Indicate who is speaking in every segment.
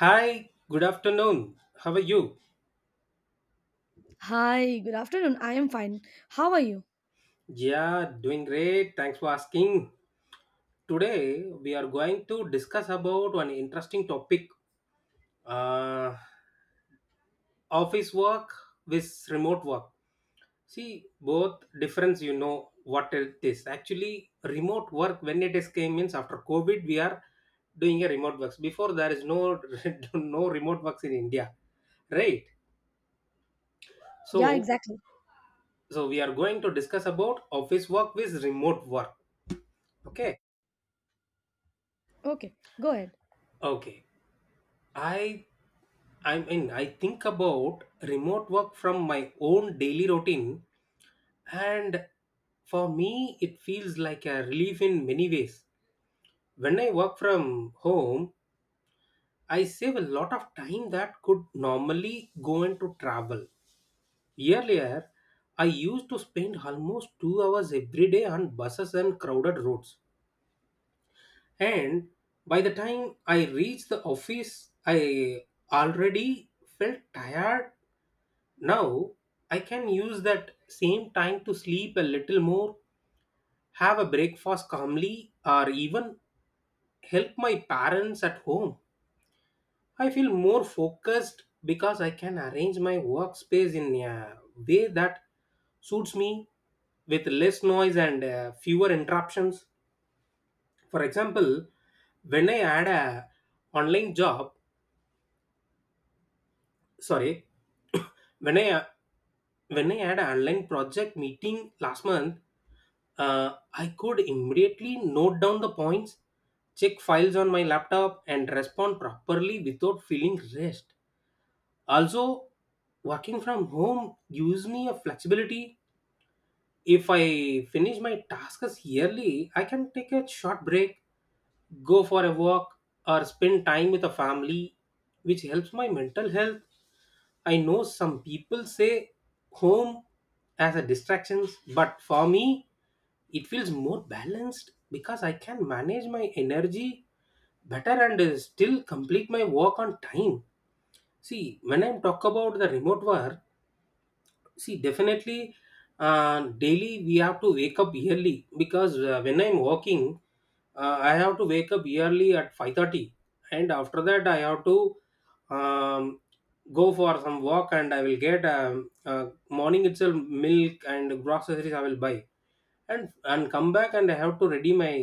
Speaker 1: Hi, good afternoon. How are you?
Speaker 2: Hi, good afternoon. I am fine. How are you?
Speaker 1: Yeah, doing great. Thanks for asking. Today we are going to discuss about an interesting topic, uh, office work with remote work. See, both difference you know what it is. Actually, remote work when it is came means after COVID we are doing a remote works. Before there is no no remote works in India, right?
Speaker 2: Yeah,
Speaker 1: So
Speaker 2: exactly.
Speaker 1: so we are going to discuss about office work with remote work. Okay.
Speaker 2: Okay, go ahead.
Speaker 1: Okay, i I mean, I think about remote work from my own daily routine, and for me it feels like a relief in many ways. When I work from home, I save a lot of time that could normally go into travel. Earlier, I used to spend almost 2 hours every day on buses and crowded roads. And by the time I reached the office, I already felt tired. Now I can use that same time to sleep a little more, have a breakfast calmly, or even help my parents at home. I feel more focused because I can arrange my workspace in a way that suits me, with less noise and fewer interruptions. For example, when I had a online job. Sorry, when I when I had an online project meeting last month, I could immediately note down the points, check files on my laptop, and respond properly without feeling rushed. Also, working from home gives me a flexibility. If I finish my tasks early, I can take a short break, go for a walk, or spend time with a family, which helps my mental health. I know some people say home as a distraction, but for me, it feels more balanced because I can manage my energy better, and still complete my work on time. See, when I talk about the remote work, see, definitely, daily we have to wake up early because when I'm working, I have to wake up early at 5:30, and after that I have to um, go for some walk, and I will get morning itself milk and groceries I will buy, and come back, and I have to ready my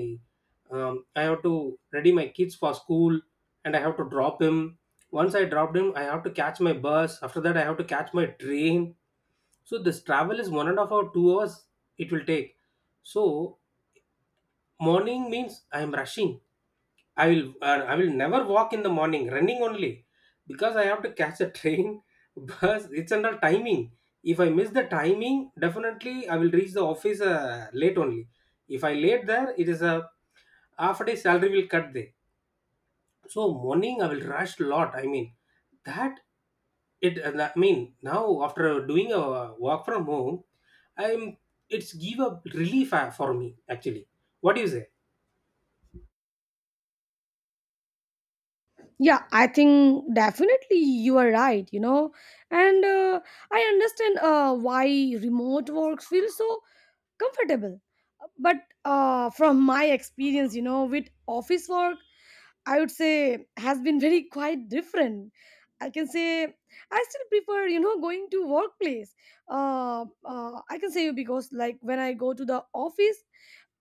Speaker 1: um, I have to ready my kids for school, and I have to drop him. Once I dropped him, I have to catch my bus. After that, I have to catch my train, so this travel is 1.5 or 2 hours it will take. So morning means I am rushing. I will never walk in the morning, running only, because I have to catch a train, bus. It's under timing. If I miss the timing, definitely I will reach the office late only. If I late there, it is a half a day salary will cut there. So morning I will rush lot. I mean that, it and I mean now after doing a work from home, I'm it's give a relief for me actually. What do you say?
Speaker 2: Yeah, I think definitely you are right. And I understand why remote work feels so comfortable. But from my experience, you know, with office work, I would say has been very quite different. I can say I still prefer, going to workplace. I can say, because like when I go to the office,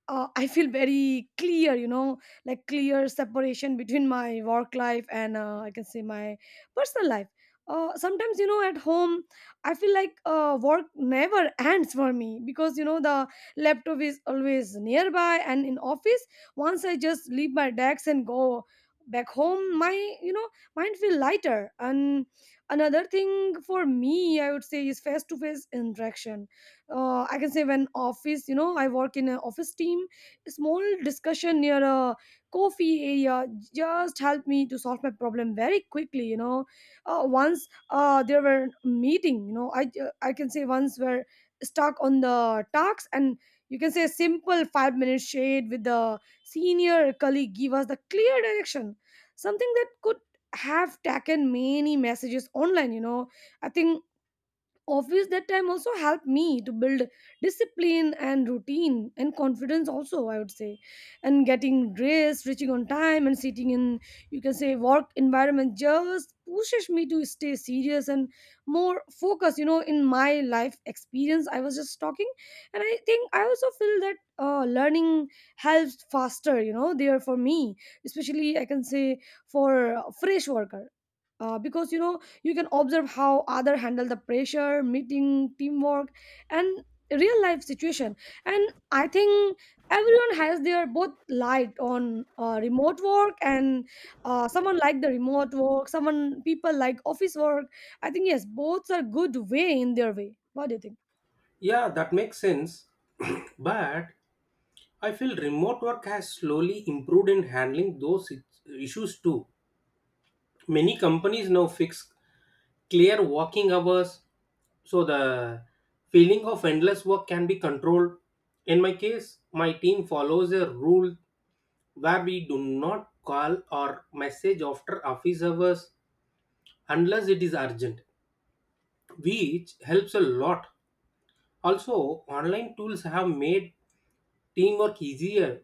Speaker 2: I feel very clear, you know, like clear separation between my work life, and I can say, my personal life. Sometimes, you know, at home, I feel like work never ends for me, because, you know, the laptop is always nearby. And in office, once I just leave my desk and go back home, my, you know, mind feel lighter. And another thing for me, I would say, is face to face interaction. I can say, when office, you know, I work in an office team, a small discussion near a coffee area just helped me to solve my problem very quickly. Once, there were meeting, you know, I can say, once we're stuck on the talks. And you can say, a simple 5-minute shade with the senior colleague give us the clear direction, something that could have taken many messages online. I think office that time also helped me to build discipline and routine and confidence also, I would say. And getting dressed, reaching on time, and sitting in, you can say, work environment just pushes me to stay serious and more focused, you know, in my life experience. I was just talking. And I think I also feel that learning helps faster, you know, there for me, especially, I can say, for a fresh worker. Because, you know, you can observe how other handle the pressure meeting teamwork and real life situation. And I think everyone has their both light on remote work. And someone like the remote work, someone people like office work. I think yes, both are good way in their way. What do you think?
Speaker 1: Yeah, that makes sense. But I feel remote work has slowly improved in handling issues too. Many companies now fix clear working hours, so the feeling of endless work can be controlled. In my case, my team follows a rule where we do not call or message after office hours unless it is urgent, which helps a lot. Also, online tools have made teamwork easier.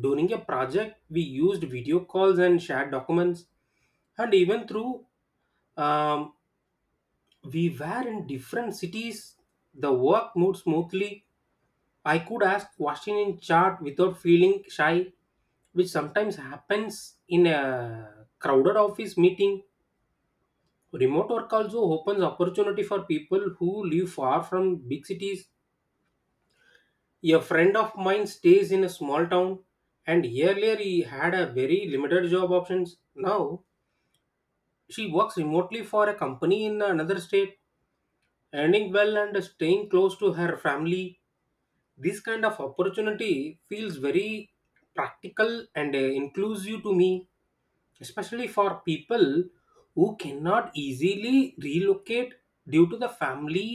Speaker 1: During a project, we used video calls and shared documents, and even through um, we were in different cities, the work moved smoothly. I could ask question in chat without feeling shy, which sometimes happens in a crowded office meeting. Remote work also opens opportunity for people who live far from big cities. A friend of mine stays in a small town, and earlier he had a very limited job options. Now she works remotely for a company in another state, earning well and staying close to her family. This kind of opportunity feels very practical and inclusive to me. Especially for people who cannot easily relocate due to the family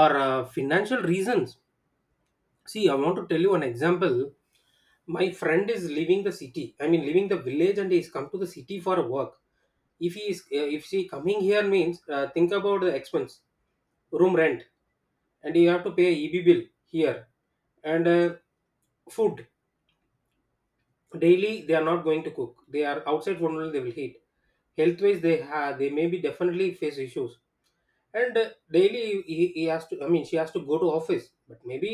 Speaker 1: or financial reasons. See, I want to tell you an example. My friend is leaving the city. I mean, leaving the village, and he's come to the city for work. If he is, if she coming here means, think about the expense, room rent, and you have to pay EB bill here, and food. Daily they are not going to cook, they are outside food only they will eat. Health wise, they may be definitely face issues. And daily he has to, I mean, she has to go to office, but maybe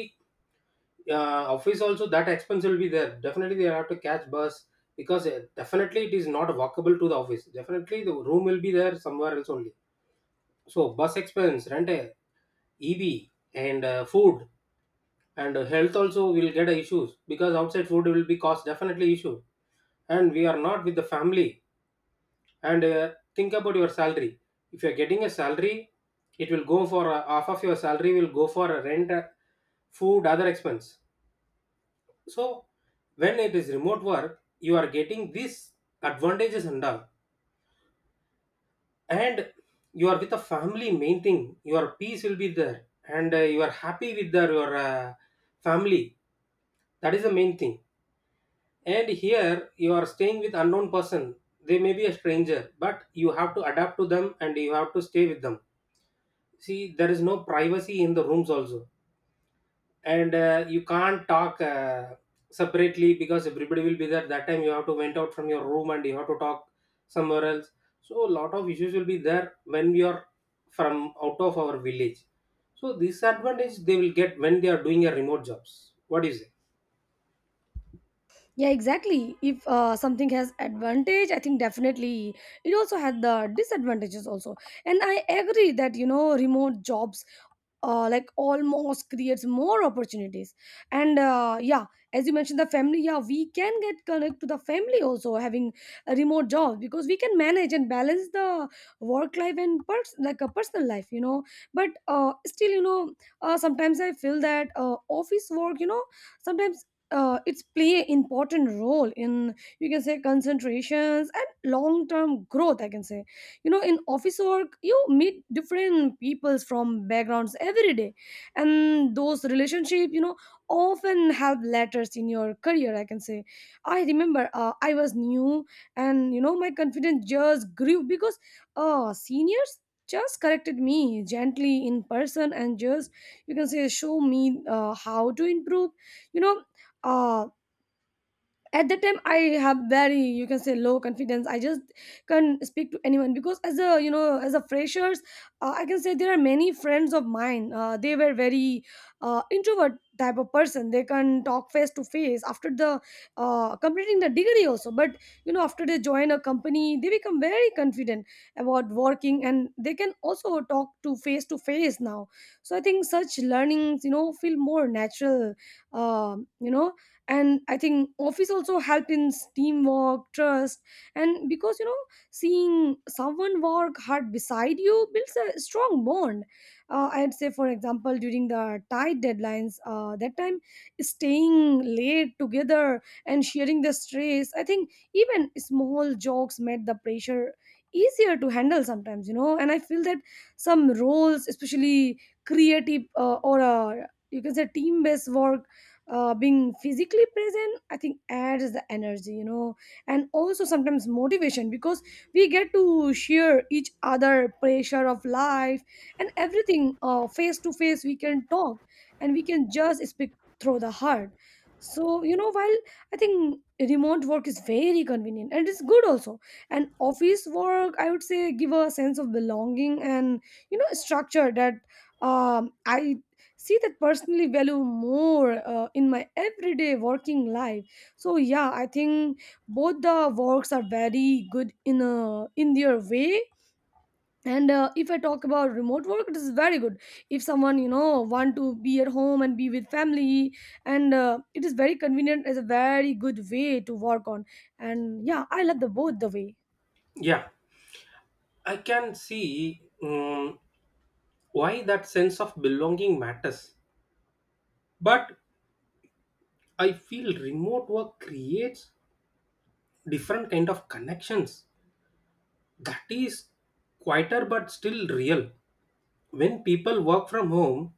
Speaker 1: office also, that expense will be there, definitely they have to catch bus. Because definitely it is not walkable to the office, definitely the room will be there somewhere else only. So bus expense, rent, EB, and food, and health also will get issues because outside food will be cost, definitely issue. And we are not with the family. And think about your salary. If you're getting a salary, it will go for, half of your salary will go for a rent, food, other expense. So when it is remote work, you are getting these advantages and all. And you are with a family, main thing. Your peace will be there, and you are happy with your family. That is the main thing. And here you are staying with unknown person. They may be a stranger, but you have to adapt to them and you have to stay with them. See, there is no privacy in the rooms also, and you can't talk separately because everybody will be there. That time you have to went out from your room and you have to talk somewhere else. So a lot of issues will be there when we are from out of our village. So disadvantage they will get when they are doing a remote jobs. What is it?
Speaker 2: Yeah, exactly. If something has advantage, I think definitely it also had the disadvantages also. And I agree that, you know, remote jobs, like, almost creates more opportunities. And yeah, as you mentioned the family, yeah, we can get connect to the family also, having a remote job, because we can manage and balance the work life and like a personal life, you know. But still, you know, sometimes I feel that office work, you know, sometimes it's play an important role in, you can say, concentrations and long term growth, I can say. You know, in office work, you meet different peoples from backgrounds every day. And those relationships, you know, often have letters in your career, I can say. I remember I was new, and, you know, my confidence just grew because seniors just corrected me gently in person, and just, you can say, show me how to improve you know uh at that time, I have very, you can say, low confidence. I just can't speak to anyone, because as a you know as a freshers. I can say there are many friends of mine, they were very introvert type of person. They can talk face to face after the completing the degree also. But, you know, after they join a company, they become very confident about working, and they can also talk to face now. So I think such learnings, you know, feel more natural um, you know and I think office also help in teamwork trust, and because, you know, seeing someone work hard beside you builds a strong bond. I'd say, for example, during the tight deadlines, that time, staying late together and sharing the stress, I think even small jokes made the pressure easier to handle sometimes, you know. And I feel that some roles, especially creative or you can say, team based work, being physically present, I think, adds the energy, you know. And also sometimes motivation, because we get to share each other pressure of life and everything. Face to face we can talk, and we can just speak through the heart. So, you know, while I think remote work is very convenient and it's good also. And office work, I would say, give a sense of belonging and, you know, structure that I see that personally value more in my everyday working life. So yeah, I think both the works are very good in their way. And if I talk about remote work, it is very good if someone, you know, want to be at home and be with family. And it is very convenient, as a very good way to work on. And yeah, I love the both the way.
Speaker 1: Yeah, I can see why that sense of belonging matters. But I feel remote work creates different kind of connections that is quieter but still real. When people work from home,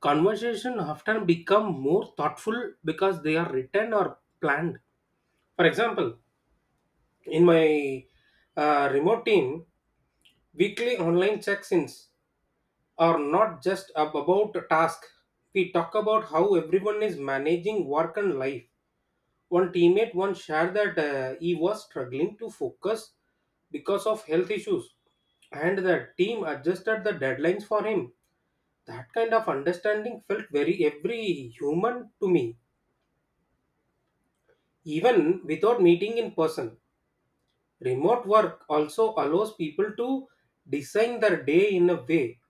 Speaker 1: conversation often become more thoughtful because they are written or planned. For example, in my remote team, weekly online check-ins are not just about a task. We talk about how everyone is managing work and life. One teammate once shared that he was struggling to focus because of health issues, and the team adjusted the deadlines for him. That kind of understanding felt very every human to me, even without meeting in person. Remote work also allows people to design their day in a way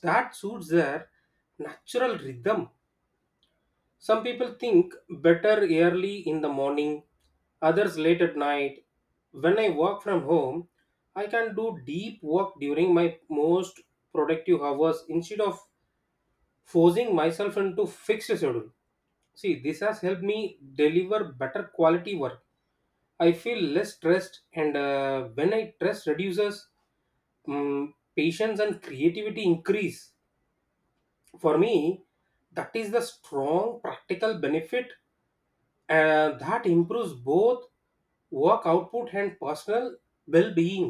Speaker 1: that suits their natural rhythm. Some people think better early in the morning, others late at night. When I work from home, I can do deep work during my most productive hours instead of forcing myself into fixed schedule. See, this has helped me deliver better quality work. I feel less stressed, and when I stress reduces, patience and creativity increase. For me, that is the strong practical benefit, and that improves both work output and personal well-being.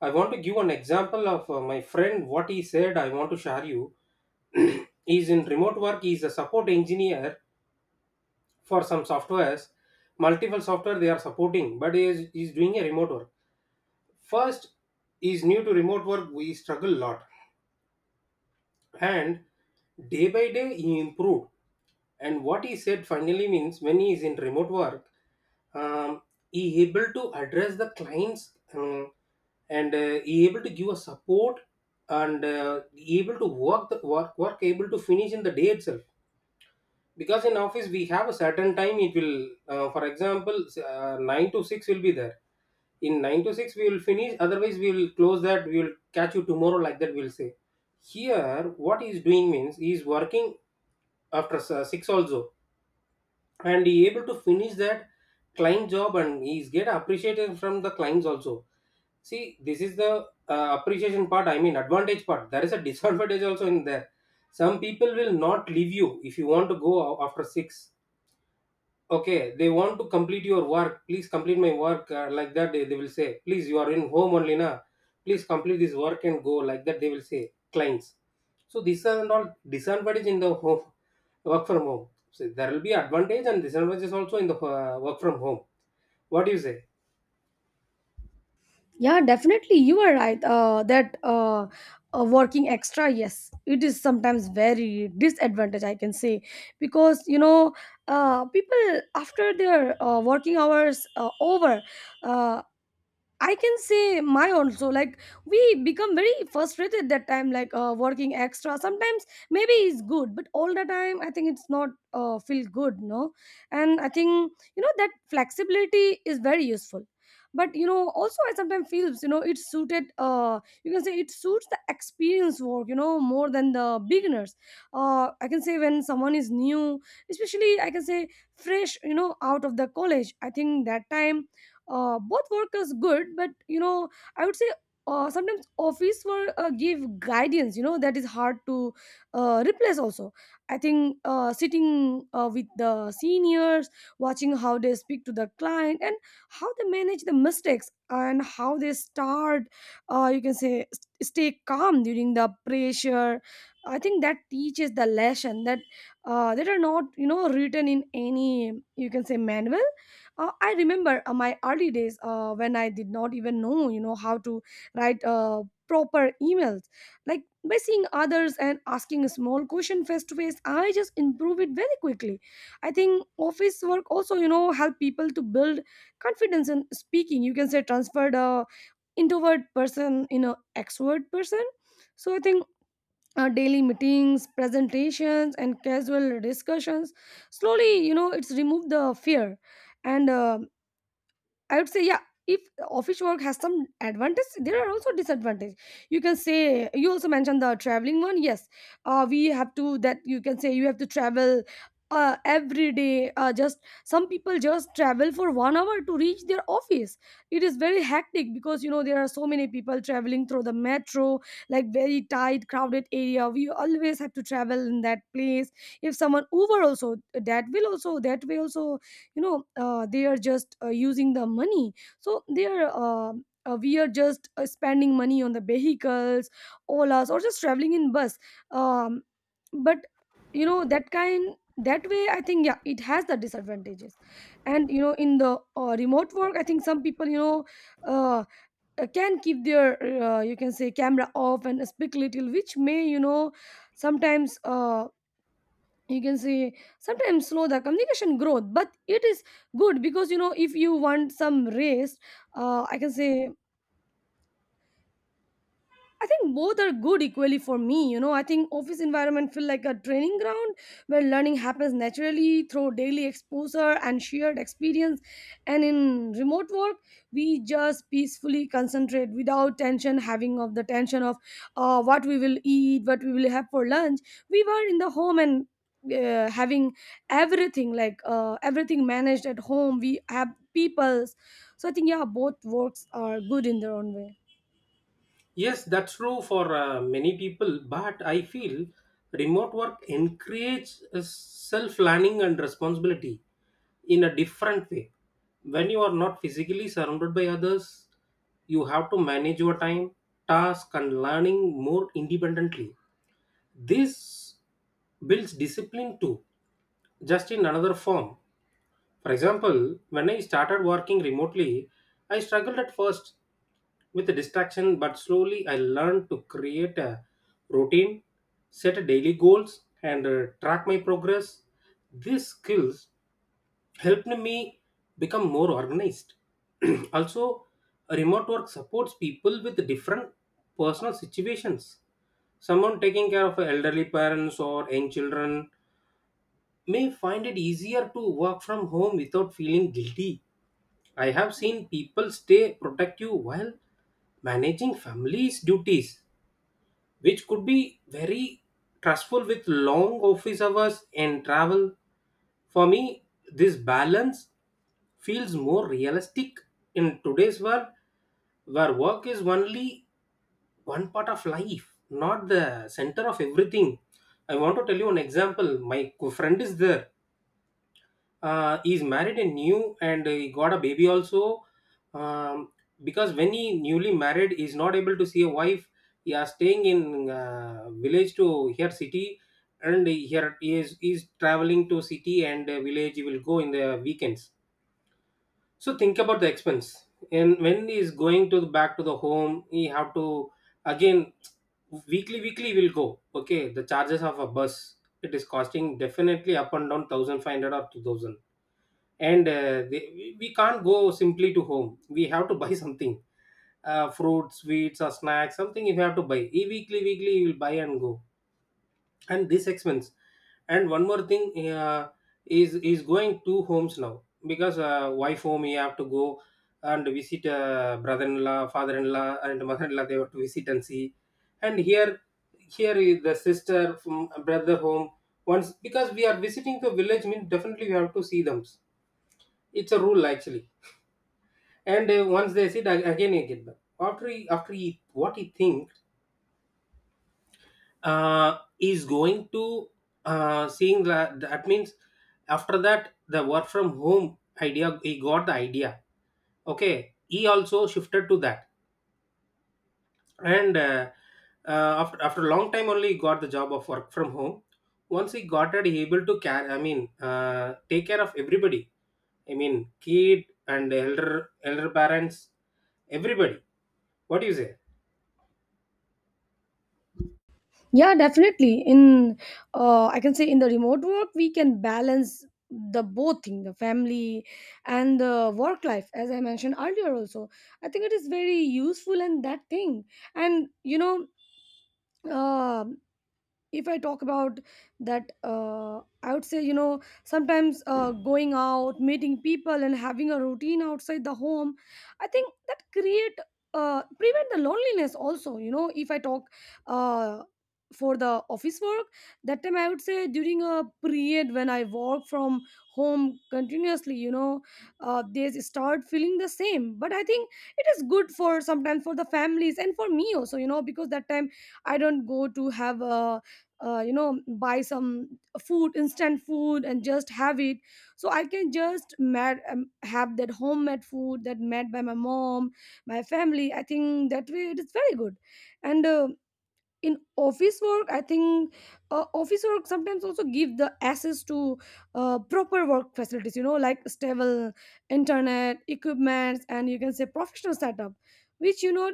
Speaker 1: I want to give an example of my friend, what he said I want to share you. He's in remote work, he's a support engineer for some softwares, multiple software they are supporting, but he's doing a remote work. First, he's new to remote work, we struggle a lot, and day by day he improved. And what he said finally means, when he is in remote work, um, he able to address the clients, and he able to give a support, and he able to work the work able to finish in the day itself. Because in office we have a certain time it will, for example, 9 to 6 will be there. In 9 to 6 we will finish, otherwise we will close that, we will catch you tomorrow, like that we'll say. Here what he's doing means he is working after 6 also, and he able to finish that client job, and he's get appreciated from the clients also. See, this is the appreciation part, I mean advantage part. There is a disadvantage also in there. Some people will not leave you, if you want to go after 6, okay, they want to complete your work, please complete my work, like that they will say, please, you are in home only na, please complete this work and go, like that they will say, clients. So these are all disadvantage in the home work from home. So there will be advantage and disadvantages also in the work from home. What do you say?
Speaker 2: Yeah, definitely. You are right. That Working extra, yes, it is sometimes very disadvantage, I can say, because, you know, people after their working hours over. uh, I can say, my also, like we become very frustrated that time, like working extra sometimes maybe is good, but all the time I think it's not feel good, no. And I think, you know, that flexibility is very useful. But, you know, also I sometimes feels, you know, it suited you can say, it suits the experience work, you know, more than the beginners. I can say, when someone is new, especially I can say, fresh, you know, out of the college. I think that time, both work is good. But, you know, I would say sometimes office work give guidance, you know, that is hard to replace also. I think, sitting with the seniors, watching how they speak to the client, and how they manage the mistakes, and how they start, you can say, stay calm during the pressure. I think that teaches the lesson that are not, you know, written in any, you can say, manual. I remember my early days, when I did not even know, you know, how to write proper emails. Like by seeing others and asking a small question face to face, I just improve it very quickly. I think office work also, you know, help people to build confidence in speaking. You can say, transferred a introvert person in a extrovert person. So I think daily meetings, presentations, and casual discussions slowly, you know, it's removed the fear and. I would say, yeah, if office work has some advantage, there are also disadvantage. You can say you also mentioned the traveling one. Yes, we have to that you can say, you have to travel every day. Just some people just travel for 1 hour to reach their office. It is very hectic, because, you know, there are so many people traveling through the metro, like very tight, crowded area. We always have to travel in that place. If someone Uber also, that will also, that way also, you know, they are just using the money. So they are We are just spending money on the vehicles, olas, or just traveling in bus um, but, you know, that kind, that way, I think, yeah, it has the disadvantages. And, you know, in the remote work, I think some people, you know, uh, can keep their you can say, camera off, and speak little, which may, you know, sometimes, you can say, sometimes slow the communication growth. But it is good, because, you know, if you want some rest, I can say, I think both are good equally for me. You know, I think office environment feel like a training ground, where learning happens naturally through daily exposure and shared experience. And in remote work, we just peacefully concentrate without tension, having of the tension of what we will eat, what we will have for lunch. We were in the home, and having everything like everything managed at home. We have peoples. So I think yeah, both works are good in their own way.
Speaker 1: Yes, that's true for many people, but I feel remote work encourages self learning and responsibility in a different way. When you are not physically surrounded by others, you have to manage your time, task, and learning more independently. This builds discipline too, just in another form. For example, when I started working remotely, I struggled at first with the distraction, but slowly I learned to create a routine, set daily goals, and track my progress. These skills helped me become more organized. Also, remote work supports people with different personal situations. Someone taking care of elderly parents or young children may find it easier to work from home without feeling guilty. I have seen people stay protective while managing families' duties, which could be very stressful with long office hours and travel. For me, this balance feels more realistic in today's world where work is only one part of life, not the center of everything. I want to tell you an example. Friend is there, he's married and new and he got a baby also, um, because when he newly married he's not able to see a wife. He are staying in village to here city, and here he's traveling to city and village he will go in the weekends. So think about the expense. And when he is going to back to the home he have to again, weekly will go. Okay, the charges of a bus, it is costing definitely up and down 1500 or 2000. And we can't go simply to home, we have to buy something, fruit, sweets or snacks, something. If you have to buy e, weekly you will buy and go. And this expense. And one more thing, uh, is going two homes now, because wife home you have to go and visit, brother-in-law, father-in-law and mother-in-law, they have to visit and see. And here, here is the sister from brother home. Once, because we are visiting the village means, definitely we have to see them. It's a rule actually. And once they sit ag- again he get back after after he what he thinks, is going to seeing that. That means after that, the work from home idea, he got the idea. Okay, he also shifted to that. And after a long time only he got the job of work from home. Once he got it he able to care, take care of everybody. I mean kid and elder parents, everybody. What do you say?
Speaker 2: Yeah, definitely. In I can say in the remote work, we can balance the both thing, the family and the work life. As I mentioned earlier also, I think it is very useful and that thing. And uh, if I talk about that I would say you know sometimes going out, meeting people and having a routine outside the home, I think that create prevent the loneliness also. If I talk uh, for the office work, that time I would say during a period when I work from home continuously, they start feeling the same, but I think it is good for sometimes for the families and for me also, because that time I don't go to have a buy some food, instant food, and just have it. So I can just have that homemade food that made by my mom, my family. I think that way it is very good. And in office work, I think office work sometimes also give the access to proper work facilities like stable internet, equipments, and you can say professional setup, which you know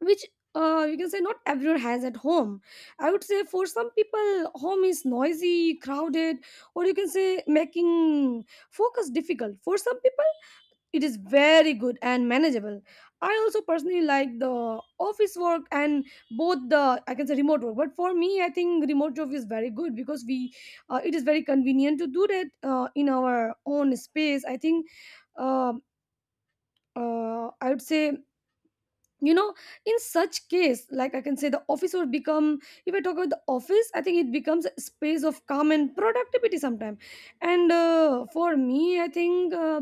Speaker 2: which you can say not everyone has at home. I would say for some people, home is noisy, crowded, or you can say making focus difficult. For some people, it is very good and manageable. I also personally like the office work and both the, I can say, remote work. But for me, I think remote job is very good because we it is very convenient to do that in our own space. I think uh, I would say you know in such case, like, I can say the office would become, if I talk about the office, I think it becomes a space of calm and productivity sometime. And for me, I think,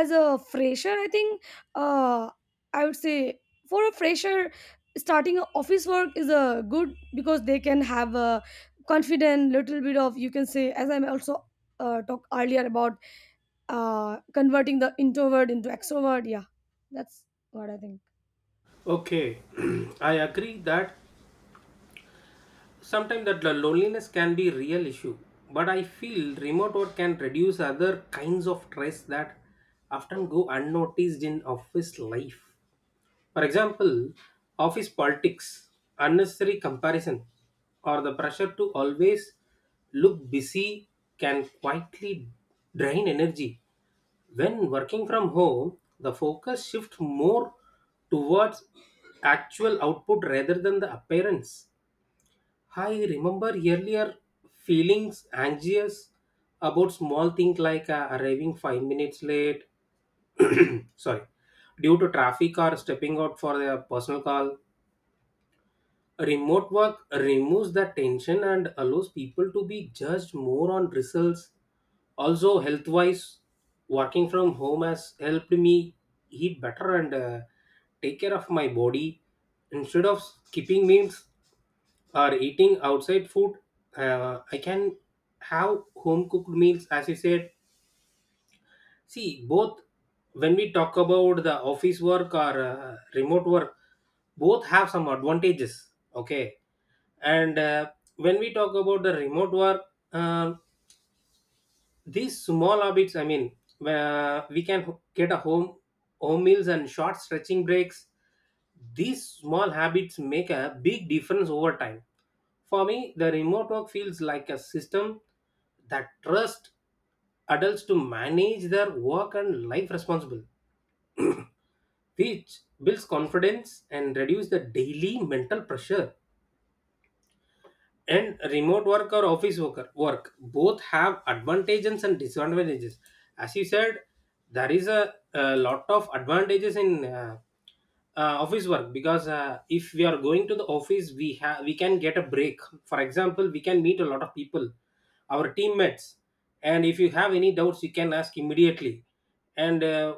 Speaker 2: as a fresher, I think uh, I would say for a fresher, starting a office work is a good, because they can have a confident little bit of, you can say, as I'm also talked earlier about converting the introvert into extrovert. Yeah, that's what I think.
Speaker 1: Okay, I agree that sometimes that the loneliness can be real issue, but I feel remote work can reduce other kinds of stress that often go unnoticed in office life. For example, office politics, unnecessary comparison, or the pressure to always look busy can quietly drain energy. When working from home, the focus shifts more towards actual output rather than the appearance. I remember earlier feelings anxious about small things like arriving 5 minutes late, sorry, due to traffic or stepping out for a personal call. Remote work removes the tension and allows people to be judged more on results. Also, health wise, working from home has helped me eat better and take care of my body. Instead of skipping meals or eating outside food, I can have home cooked meals, as you said. See, both when we talk about the office work or remote work, both have some advantages. Okay. And when we talk about the remote work, uh, these small habits, we can get a home meals and short stretching breaks. These small habits make a big difference over time. For me the remote work feels like a system that trusts adults to manage their work and life responsible, which builds confidence and reduce the daily mental pressure. And remote work or office worker work both have advantages and disadvantages, as you said. There is a lot of advantages in office work, because if we are going to the office we have we can get a break. For example, we can meet a lot of people, our teammates. And if you have any doubts you can ask immediately. And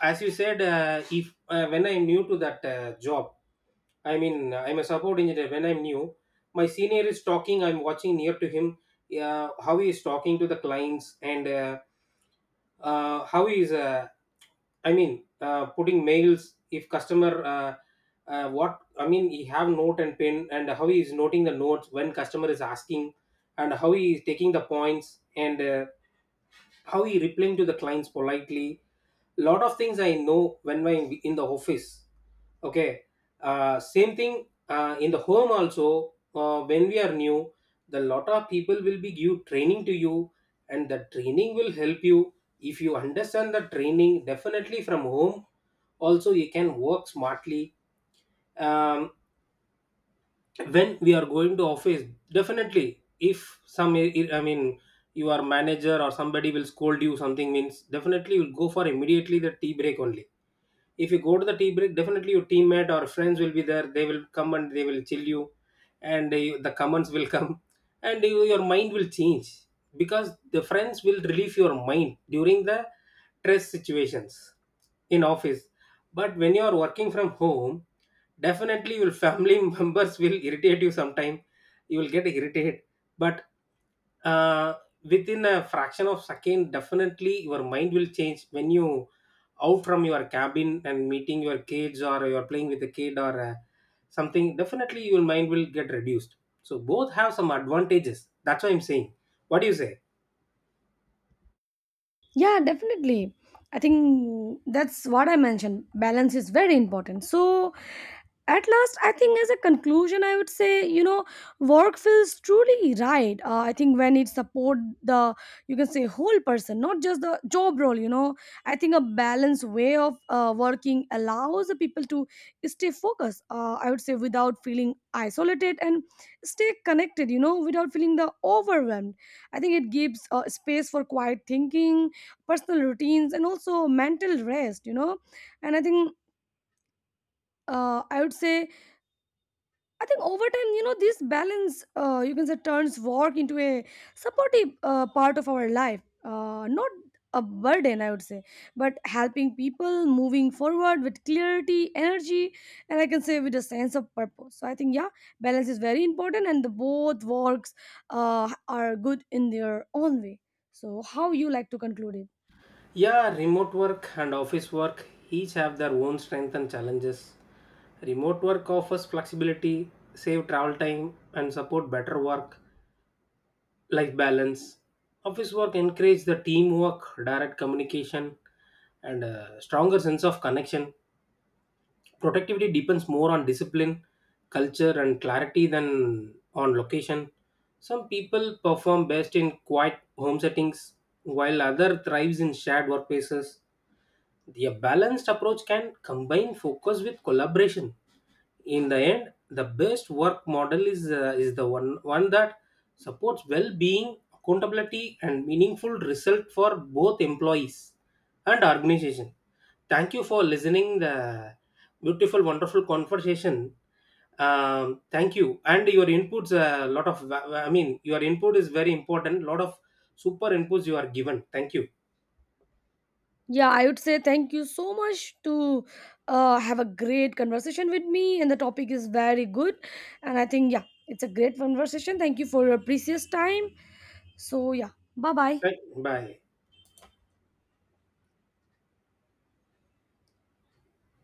Speaker 1: as you said, if when I am new to that job, I mean, I'm a support engineer when I'm new. My senior is talking, I'm watching near to him, how he is talking to the clients, and how he is, putting mails if customer, he have note and pen, and how he is noting the notes when customer is asking, and how he is taking the points, and how he replying to the clients politely. Lot of things I know when I'm in the office. Okay. Uh, same thing in the home also, when we are new, the lot of people will be give training to you, and the training will help you. If you understand the training, definitely from home also you can work smartly. um, when we are going to office, definitely if some, your manager or somebody will scold you something means, definitely you'll go for immediately the tea break only. If you go to the tea break, definitely your teammate or friends will be there, they will come and they will chill you. And the comments will come and your mind will change, because the friends will relieve your mind during the stress situations in office. But when you are working from home, definitely your family members will irritate you sometime, you will get irritated. But uh, within a fraction of second definitely your mind will change when you out from your cabin and meeting your kids or you're playing with a kid, or something, definitely your mind will get reduced. So both have some advantages, that's what I'm saying. What do you say?
Speaker 2: Yeah, definitely. I think that's what I mentioned. Balance is very important. So at last, I think, as a conclusion, I would say, work feels truly right. I think when it support the, you can say, whole person, not just the job role. You know, I think a balanced way of working allows the people to stay focused. I would say without feeling isolated and stay connected. You know, without feeling the overwhelmed. I think it gives space for quiet thinking, personal routines, and also mental rest. And I think I would say, I think over time, this balance, you can say, turns work into a supportive part of our life, not a burden, I would say, but helping people moving forward with clarity, energy, and I can say with a sense of purpose. So I think, yeah, balance is very important, and the both works are good in their own way. So how you like to conclude it?
Speaker 1: Yeah, remote work and office work each have their own strength and challenges. Remote work offers flexibility, save travel time and support better work life balance. Office work encourage the teamwork, direct communication and a stronger sense of connection. Productivity depends more on discipline, culture and clarity than on location. Some people perform best in quiet home settings, while other thrives in shared workplaces. The balanced approach can combine focus with collaboration. In the end, the best work model is the one that supports well-being, accountability and meaningful result for both employees and organization. Thank you for listening the beautiful wonderful conversation. Thank you, and your inputs a lot of your input is very important, lot of super inputs you are given. Thank you.
Speaker 2: Yeah, I would say thank you so much to have a great conversation with me, and the topic is very good. And I think, yeah, it's a great conversation. Thank you for your precious time. So, yeah, bye bye.
Speaker 1: Thank- bye.